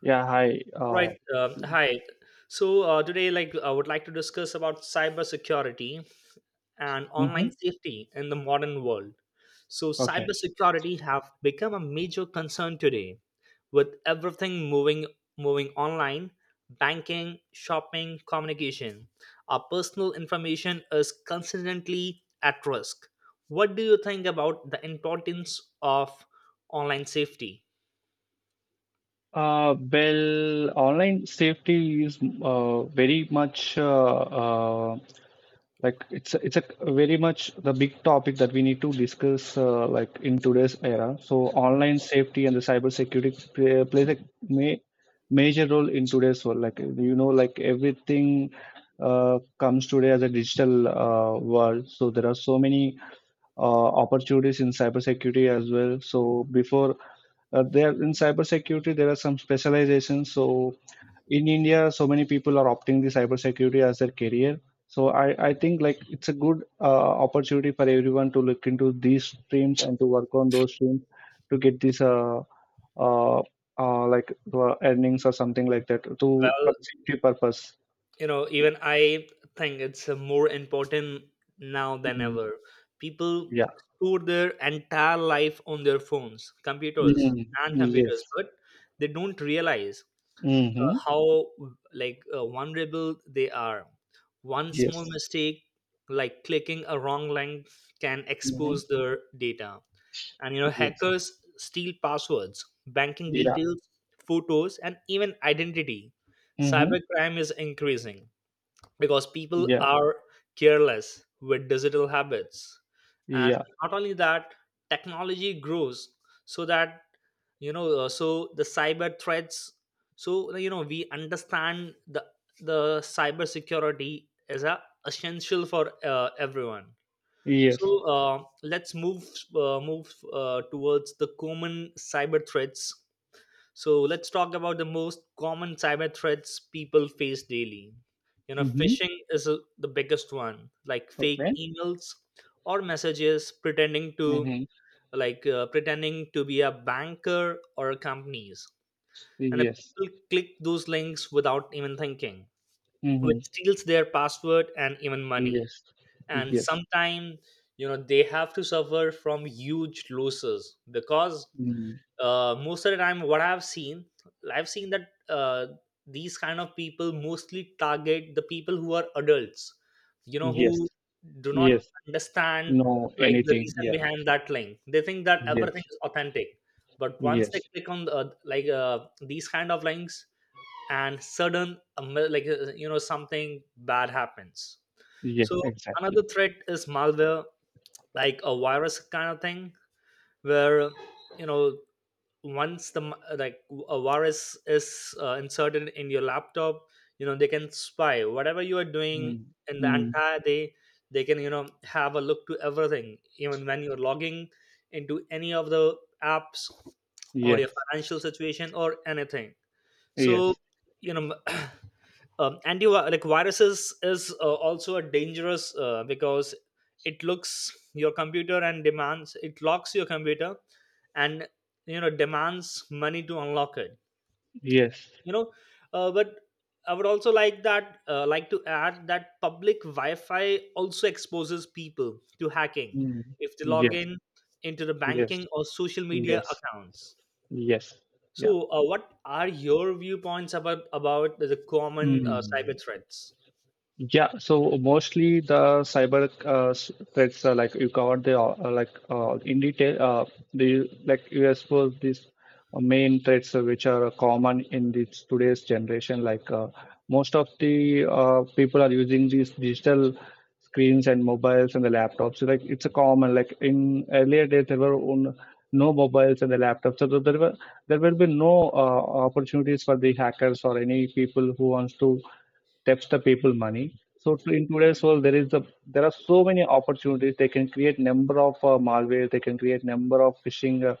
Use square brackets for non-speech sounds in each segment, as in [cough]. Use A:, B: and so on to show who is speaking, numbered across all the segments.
A: Yeah, hi.
B: All right. Hi. Today, I would like to discuss about cybersecurity and online
A: Mm-hmm.
B: safety in the modern world. So,
A: Okay.
B: cybersecurity have become a major concern today, with everything moving online, banking, shopping, communication. Our personal information is constantly at risk. What do you think about the importance of online safety?
A: Well, online safety is very much like it's a very much the big topic that we need to discuss like in today's era. So online safety and the cybersecurity plays a ma major role in today's world. Like you know, like everything comes today as a digital world. So there are so many opportunities in cybersecurity as well. So before there in cybersecurity there are some specializations, so in india so many people are opting the cybersecurity as their career, so I think like it's a good opportunity for everyone to look into these streams and to work on those streams to get these uh, uh like earnings or something like that to for
B: Well,
A: safety purpose.
B: you know
A: Yeah.
B: even I think it's more important now than
A: Mm,
B: ever. People
A: yeah.
B: store their entire life on their phones
A: Mm. Yes.
B: computers, but they don't realize uh,
A: Mm-hmm.
B: how like uh, vulnerable they are. One small
A: Yes.
B: mistake, like clicking a wrong link, can expose
A: Mm-hmm.
B: their data. And you know
A: Yes.
B: hackers steal passwords, banking
A: Yeah.
B: details, photos, and even identity.
A: Mm-hmm.
B: Cybercrime is increasing because people
A: Yeah.
B: are careless with digital habits. And
A: Yeah.
B: not only that, technology grows, so that so the cyber threats, so you know we understand the cyber security is a essential for everyone. So
A: Yes.
B: let's move towards the common cyber threats. So let's talk about the most common cyber threats people face daily. You know,
A: Mm-hmm.
B: phishing is the biggest one, like fake
A: Okay.
B: emails or messages
A: Mm-hmm.
B: pretending to be a banker or companies. And the
A: Yes.
B: people click those links without even thinking, which
A: Mm-hmm.
B: steals their password and even money.
A: Yes.
B: And
A: Yes.
B: sometimes, you know, they have to suffer from huge losses because,
A: Mm.
B: most of the time, what I've seen that these kind of people mostly target the people who are adults, you know,
A: Yes.
B: who do not
A: Yes.
B: understand
A: No,
B: the
A: anything.
B: reason
A: Yeah.
B: behind that link. They think that everything
A: Yes.
B: is authentic, but once they
A: Yes.
B: click on these kind of links, and sudden like you know, something bad happens.
A: Yes.
B: So
A: Exactly.
B: another threat is malware, like a virus kind of thing, where, you know, once the m- like a virus is inserted in your laptop, you know they can spy whatever you are doing
A: Mm.
B: in the
A: Mm.
B: entire day. They can, you know, have a look to everything even when you're logging into any of the apps or your
A: Yes.
B: financial situation or anything. So,
A: Yes.
B: you know, [clears throat] anti like viruses is also a dangerous, because it looks your computer and demands, it locks your computer and, you know, demands money to unlock it.
A: Yes.
B: You know uh, but I would also like to add that public wi-fi also exposes people to hacking
A: Mm.
B: if they log
A: Yes.
B: in into the
A: Yes.
B: banking or social media
A: Yes.
B: accounts.
A: Yes. Yeah.
B: So, what are your viewpoints about the common cyber
A: Mm.
B: threats?
A: Yeah, so mostly the cyber threats are like you covered the in detail. The like you exposed these main threats which are common in this today's generation. Most of the people are using these digital screens and mobiles and the laptops. So, like it's a common like in earlier days there were no mobiles and the laptops, so there will be no opportunities for the hackers or any people who wants to saves the people money. So in today's world, there is a there are so many opportunities. They can create number of malware. They can create number of phishing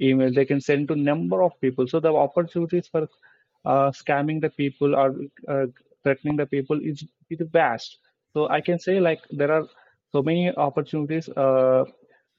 A: email they can send to number of people, so the opportunities for scamming the people or uh, threatening the people is vast. So I can say like there are so many opportunities,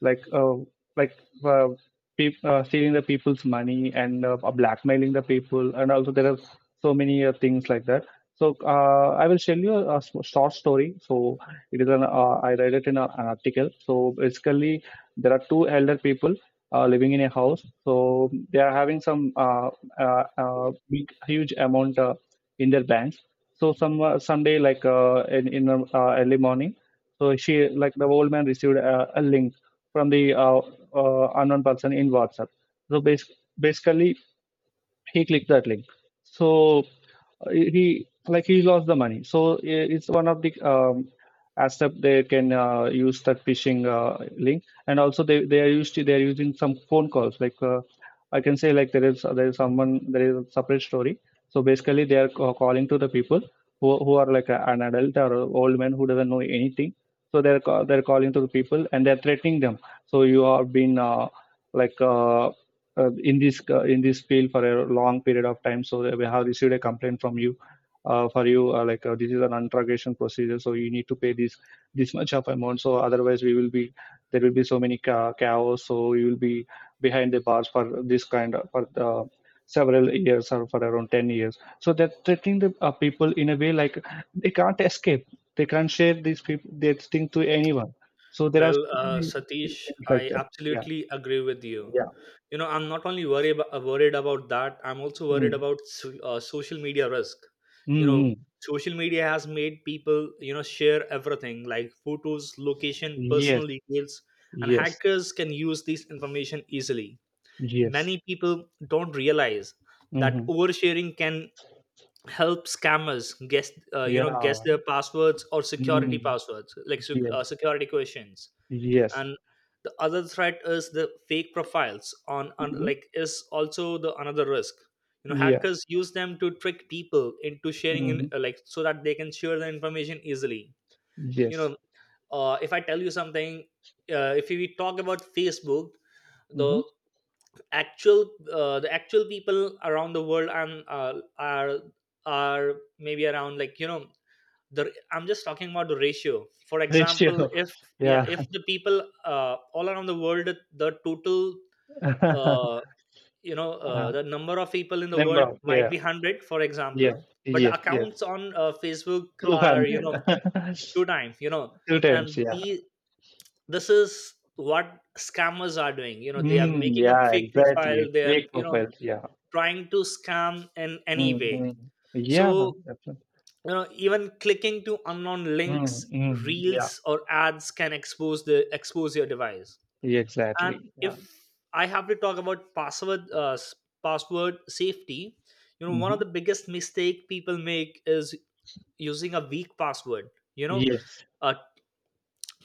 A: like uh, like uh, stealing the people's money and blackmailing the people, and also there are so many things like that. So I will tell you short story. So it is an I read it in an article. So basically there are two elder people living in a house. So they are having some big, huge amount in their banks. So some someday, in the early morning, so she like the old man received a link from the unknown person in WhatsApp. So basically, he clicked that link. So he lost the money. So it's one of the aspect they can use the phishing link. And also they are using some phone calls. Like, I can say like there is someone, there is a separate story. So basically they are calling to the people who are like an adult or a old man who doesn't know anything. So they're calling to the people and they're threatening them. So you have been like uh, in this field for a long period of time. So we have received a complaint from you. For you, this is an interrogation procedure, so you need to pay this much of amount. So otherwise, we will be there will be so many chaos. So you will be behind the bars for this kind of for the several years or for around 10 years. So they're treating the people in a way like they can't escape. They can't share these people this thing to anyone. So there are
B: Well,
A: so many
B: Satish,
A: things like
B: I
A: that. Yeah.
B: absolutely agree with you.
A: Yeah.
B: You know, I'm not only worried about that. I'm also worried
A: Mm.
B: about, social media risk. You
A: Mm,
B: know,
A: mm,
B: social media has made people, you know, share everything like photos, location, personal
A: yes,
B: details, and
A: yes,
B: hackers can use this information easily.
A: yes.
B: Many people don't realize that
A: Mm-hmm.
B: oversharing can help scammers guess, you know, guess
A: Yeah.
B: their passwords or security
A: Mm-hmm.
B: passwords, like
A: Yes,
B: security questions.
A: yes.
B: And the other threat is the fake profiles on
A: Mm-hmm.
B: like is also the another risk. You know,
A: Yeah.
B: hackers use them to trick people into sharing in,
A: Mm-hmm.
B: like so that they can share the information easily. You
A: Yes.
B: know, if I tell you something, if we talk about Facebook,
A: Mm-hmm.
B: the the actual people around the world and are maybe around, like, you know, the I'm just talking about the ratio. For example,
A: Ratio.
B: if,
A: [laughs]
B: yeah,
A: Yeah.
B: if the people, all around the world, the total,
A: [laughs]
B: uh,
A: Uh,
B: the number of people in the
A: Number
B: world
A: of.
B: might
A: Yeah.
B: be 100, for
A: Yeah.
B: example, but the
A: Yes, yes.
B: accounts on Facebook are, you
A: 200.
B: know,
A: [laughs]
B: two times, you know.
A: Two
B: And
A: times. Yeah.
B: the this is what scammers are doing, you know. They are
A: Mm,
B: making up
A: yeah,
B: fake
A: exactly.
B: profile. They are,
A: Fake
B: you know,
A: profiles. Yeah.
B: trying to scam in any way.
A: Mm-hmm. Yeah.
B: So,
A: Definitely.
B: you know, even clicking to unknown links,
A: Mm-hmm. Yeah.
B: reels, or ads can expose the, expose your device. And
A: Exactly.
B: if
A: Yeah.
B: I have to talk about password safety, you know, one of
A: Mm-hmm.
B: the biggest mistake people make is using a weak password. You know,
A: Yes.
B: uh,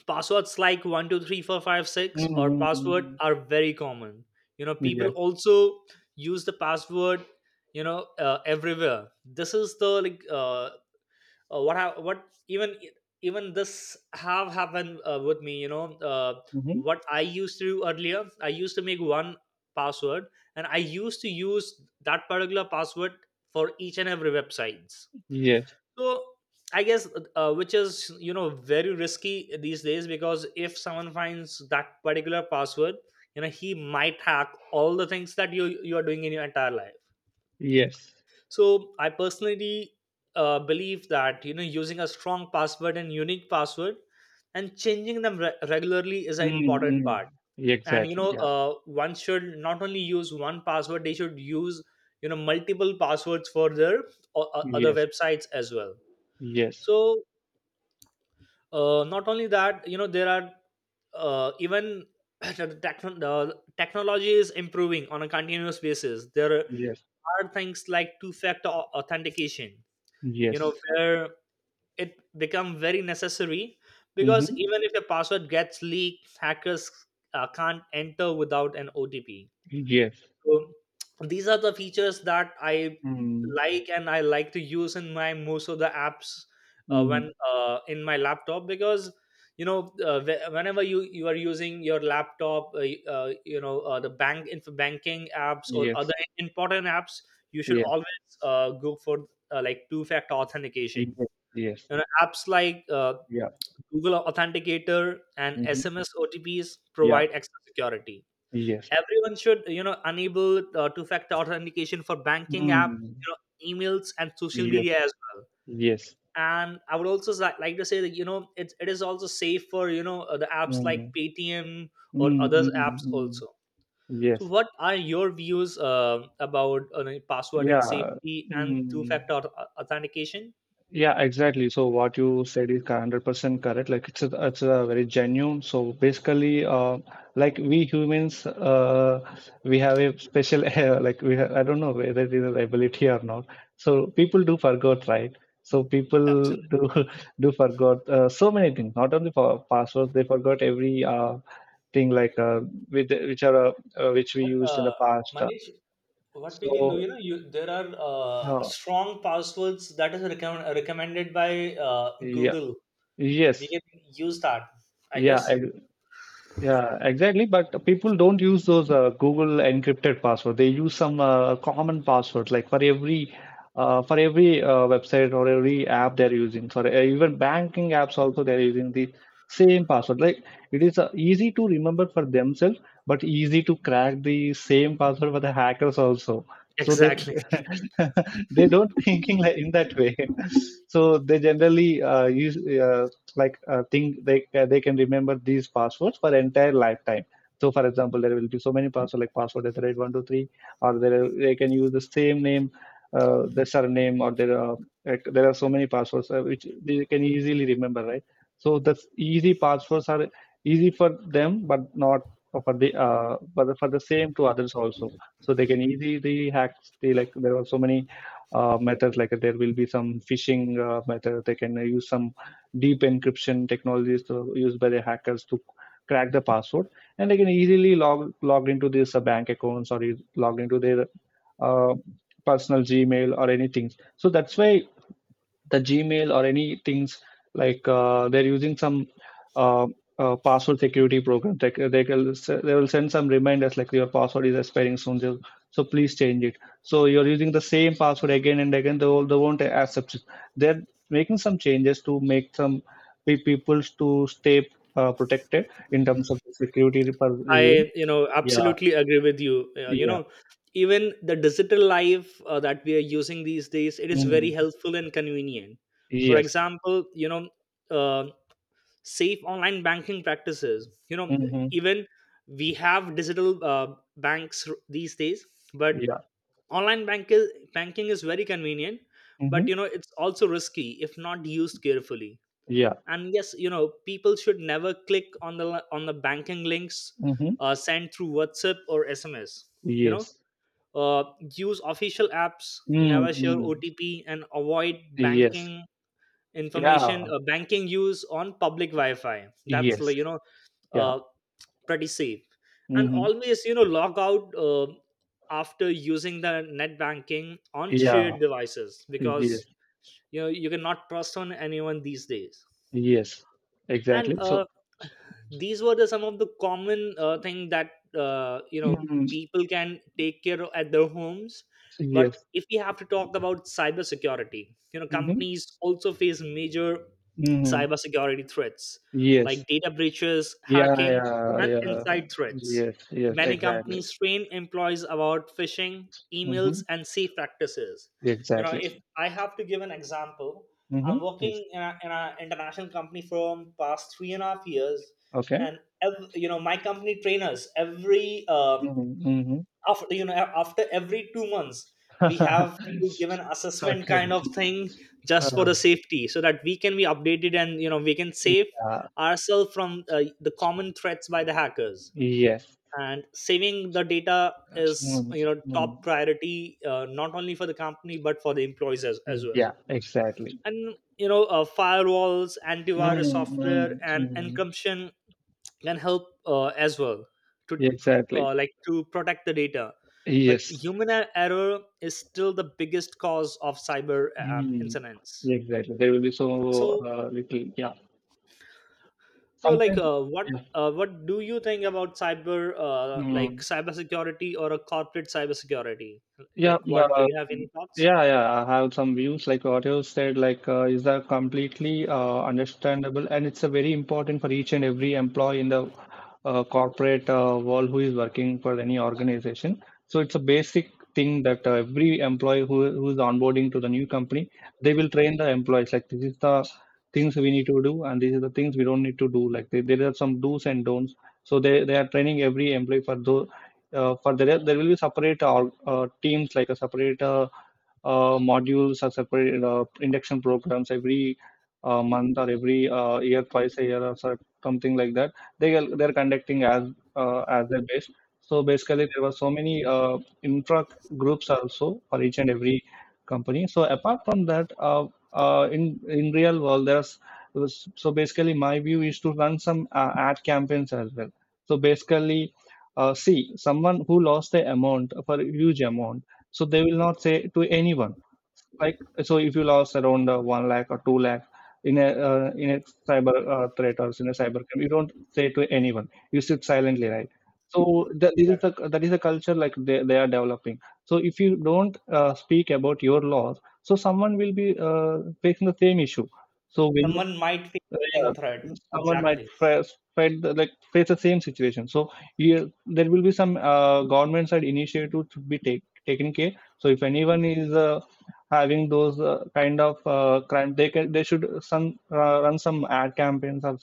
B: passwords like 123456 or password
A: Mm-hmm.
B: are very common. You know, people
A: Yes.
B: also use the password, you know, everywhere. This is the like what ha- what even even this have happened with me, you know. uh,
A: Mm-hmm.
B: what I used to do earlier, I used to make one password, and I used to use that particular password for each and every websites.
A: Yes.
B: So I guess, which is, you know, very risky these days, because if someone finds that particular password, you know he might hack all the things that you are doing in your entire life.
A: Yes.
B: So I personally, believe that, you know, using a strong password and unique password and changing them regularly is an
A: Mm,
B: important
A: hmm.
B: part. And you
A: Exactly.
B: know,
A: Yeah.
B: one should not only use one password; they should use, you know, multiple passwords for their other
A: Yes.
B: websites as well.
A: Yes.
B: So, not only that, you know, there are, even [clears throat] the techno- the technology is improving on a continuous basis. There
A: Yes.
B: are things like two factor authentication, you know,
A: Yes.
B: where it become very necessary, because
A: Mm-hmm.
B: even if your password gets leaked, hackers can't enter without an OTP.
A: Yes.
B: So these are the features that I
A: Mm,
B: like, and I like to use in my most of the apps,
A: mm-hmm.
B: when in my laptop, because, you know, whenever you are using your laptop, you know, the banking apps or other
A: Yes.
B: important apps, you should
A: Yes.
B: always, go for, two factor
A: Yes.
B: authentication.
A: Yes.
B: You know, apps like,
A: Yeah.
B: Google Authenticator and
A: Mm-hmm.
B: SMS OTPs
A: Yeah.
B: provide extra security.
A: Yes.
B: Everyone should, you know, enable two factor authentication for banking apps,
A: Mm.
B: you know, emails and social media
A: Yes.
B: as well.
A: Yes.
B: And I would also like to say that, you know, it is also safe for, you know, the apps like
A: Mm.
B: Paytm or other apps
A: Mm-hmm.
B: also. So
A: Yes.
B: what are your views about the password and
A: Yeah.
B: safety and two
A: Mm.
B: factor authentication?
A: Yeah, exactly. So what you said is 100% correct. It's a very genuine. So basically, like we humans, we have a special [laughs] we have, I don't know whether it is an ability or not. So people do forget, right? So people
B: Absolutely.
A: do [laughs] do forgot so many things. Not only for passwords, they forgot every thing with which are which we
B: But
A: used in the past.
B: Manish, what we can do,
A: So
B: you know, you there are,
A: uh,
B: strong passwords that is recommended by,
A: yeah,
B: Google. We
A: yes,
B: can use that, I
A: yeah,
B: guess.
A: yeah, exactly. But people don't use those Google encrypted password. They use some common passwords, like for every website or every app they're using. For even banking apps also, they're using the same password. Like it is easy to remember for themselves, but easy to crack the same password for the hackers also. So they
B: Exactly.
A: [laughs] they don't thinking like in that way. [laughs] So they generally use like think they can remember these passwords for entire lifetime. So, for example, there will be so many passwords like password at the rate 123, or they can use the same name, the surname, or there are like, there are so many passwords which they can easily remember, right? So that's easy passwords are easy for them, but not for the but for the same to others also. So they can easily hack. Like there are so many methods. Like there will be some phishing method. They can use some deep encryption technologies used by the hackers to crack the password, and they can easily logged into these bank accounts or is logged into their uh, personal gmail or anything. So that's why the Gmail or any things they're using some uh, password security program. They will send some reminders like your password is expiring soon, so please change it. So you're using the same password again and again. They won't accept it. They're making some changes to make some people to stay protected in terms of security per.
B: I, you know,
A: Yeah,
B: absolutely agree with you. You
A: yeah,
B: know, even the digital life that we are using these days, it is very
A: mm.
B: helpful and convenient. For
A: Yes,
B: example, you know, uh, safe online banking practices. You know,
A: mm-hmm.
B: even we have digital banks, these days, but
A: Yeah,
B: online banking is very convenient, but
A: mm-hmm.
B: you know, it's also risky if not used carefully.
A: Yeah,
B: And yes, you know, people should never click on on the banking links
A: mm-hmm.
B: sent through WhatsApp or SMS. You know,
A: Yes.
B: uh, use official apps,
A: Mm,
B: never share OTP, and avoid
A: yes. Yeah.
B: banking use on public wi-fi. That's,
A: Yes.
B: like, you know,
A: Yeah.
B: uh, pretty safe. And
A: Hmm.
B: always, you know, log out after using the net banking on
A: Yeah.
B: shared devices, because,
A: Yes.
B: you know, you cannot trust on anyone these days.
A: Yes.
B: and
A: Exactly. So,
B: uh, these were the some of the common thing that, you know,
A: mm,
B: people can take care of at their homes. But
A: yes.
B: if we have to talk about cybersecurity, you know,
A: Hmm.
B: companies also face major
A: Hmm.
B: cybersecurity threats
A: Yes.
B: like data breaches,
A: Yeah.
B: hacking,
A: Yeah.
B: and
A: Yeah.
B: inside threats.
A: Yes. Yes.
B: Many
A: Exactly.
B: companies train employees about phishing emails
A: Hmm.
B: and safe practices. You know,
A: Exactly.
B: if I have to give an example,
A: Hmm.
B: I'm
A: Yes.
B: working in an, in a international company for past 3.5 years,
A: Okay.
B: and you know, my company trainers every,
A: Mm-hmm. Mm-hmm.
B: after, you know, after every 2 months, we have to give an
A: [laughs]
B: assessment
A: Okay.
B: kind of thing, just for
A: Uh,
B: the safety, so that we can be updated, and you know we can save
A: yeah.
B: ourselves from, the common threats by the hackers.
A: Yes.
B: And saving the data is,
A: Mm,
B: you know,
A: mm.
B: top priority, not only for the company but for the employees as well.
A: Yeah. Exactly.
B: And you know, firewalls, antivirus
A: Mm,
B: software,
A: mm,
B: and
A: mm.
B: encryption can help, as well, to,
A: Exactly.
B: to protect the data. But
A: Yes.
B: human error is still the biggest cause of cyber
A: Mm,
B: incidents.
A: exactly. There will be so
B: So
A: little. Yeah. Sometimes. Yeah.
B: what do you think about
A: Mm.
B: cybersecurity or a corporate cybersecurity,
A: Yeah,
B: like, what do you have any thoughts
A: yeah. I have some views like what you said, is that completely understandable, and it's a very important for each and every employee in the corporate world who is working for any organization. So it's a basic thing that every employee who is onboarding to the new company, they will train the employees like this is the things we need to do, and these are the things we don't need to do. Like there are some do's and don'ts. So they are training every employee for those for there will be separate teams like a separate modules or separate induction programs every month or every year, twice a year or something like that they are they're conducting as their base. So basically there were so many infra groups also for each and every company. So apart from that, in real world there's so basically my view is to run some ad campaigns as well. So basically, see, someone who lost the amount for a huge amount, so they will not say to anyone. Like, so if you lost around 1 lakh or 2 lakh in a cyber threat or in a cyber crime, you don't say to anyone. You sit silently, right? So that this is
B: that
A: the that is the culture like they are developing. So if you don't speak about your loss, so someone will be facing the same issue. So when
B: someone might face
A: so,
B: the same threat?
A: yeah, someone might
B: Exactly.
A: face fight the- like face the same situation. So yeah, there will be some government side initiative to be taken care. So if anyone is having those kind of crime, they can they should some run some ad campaigns or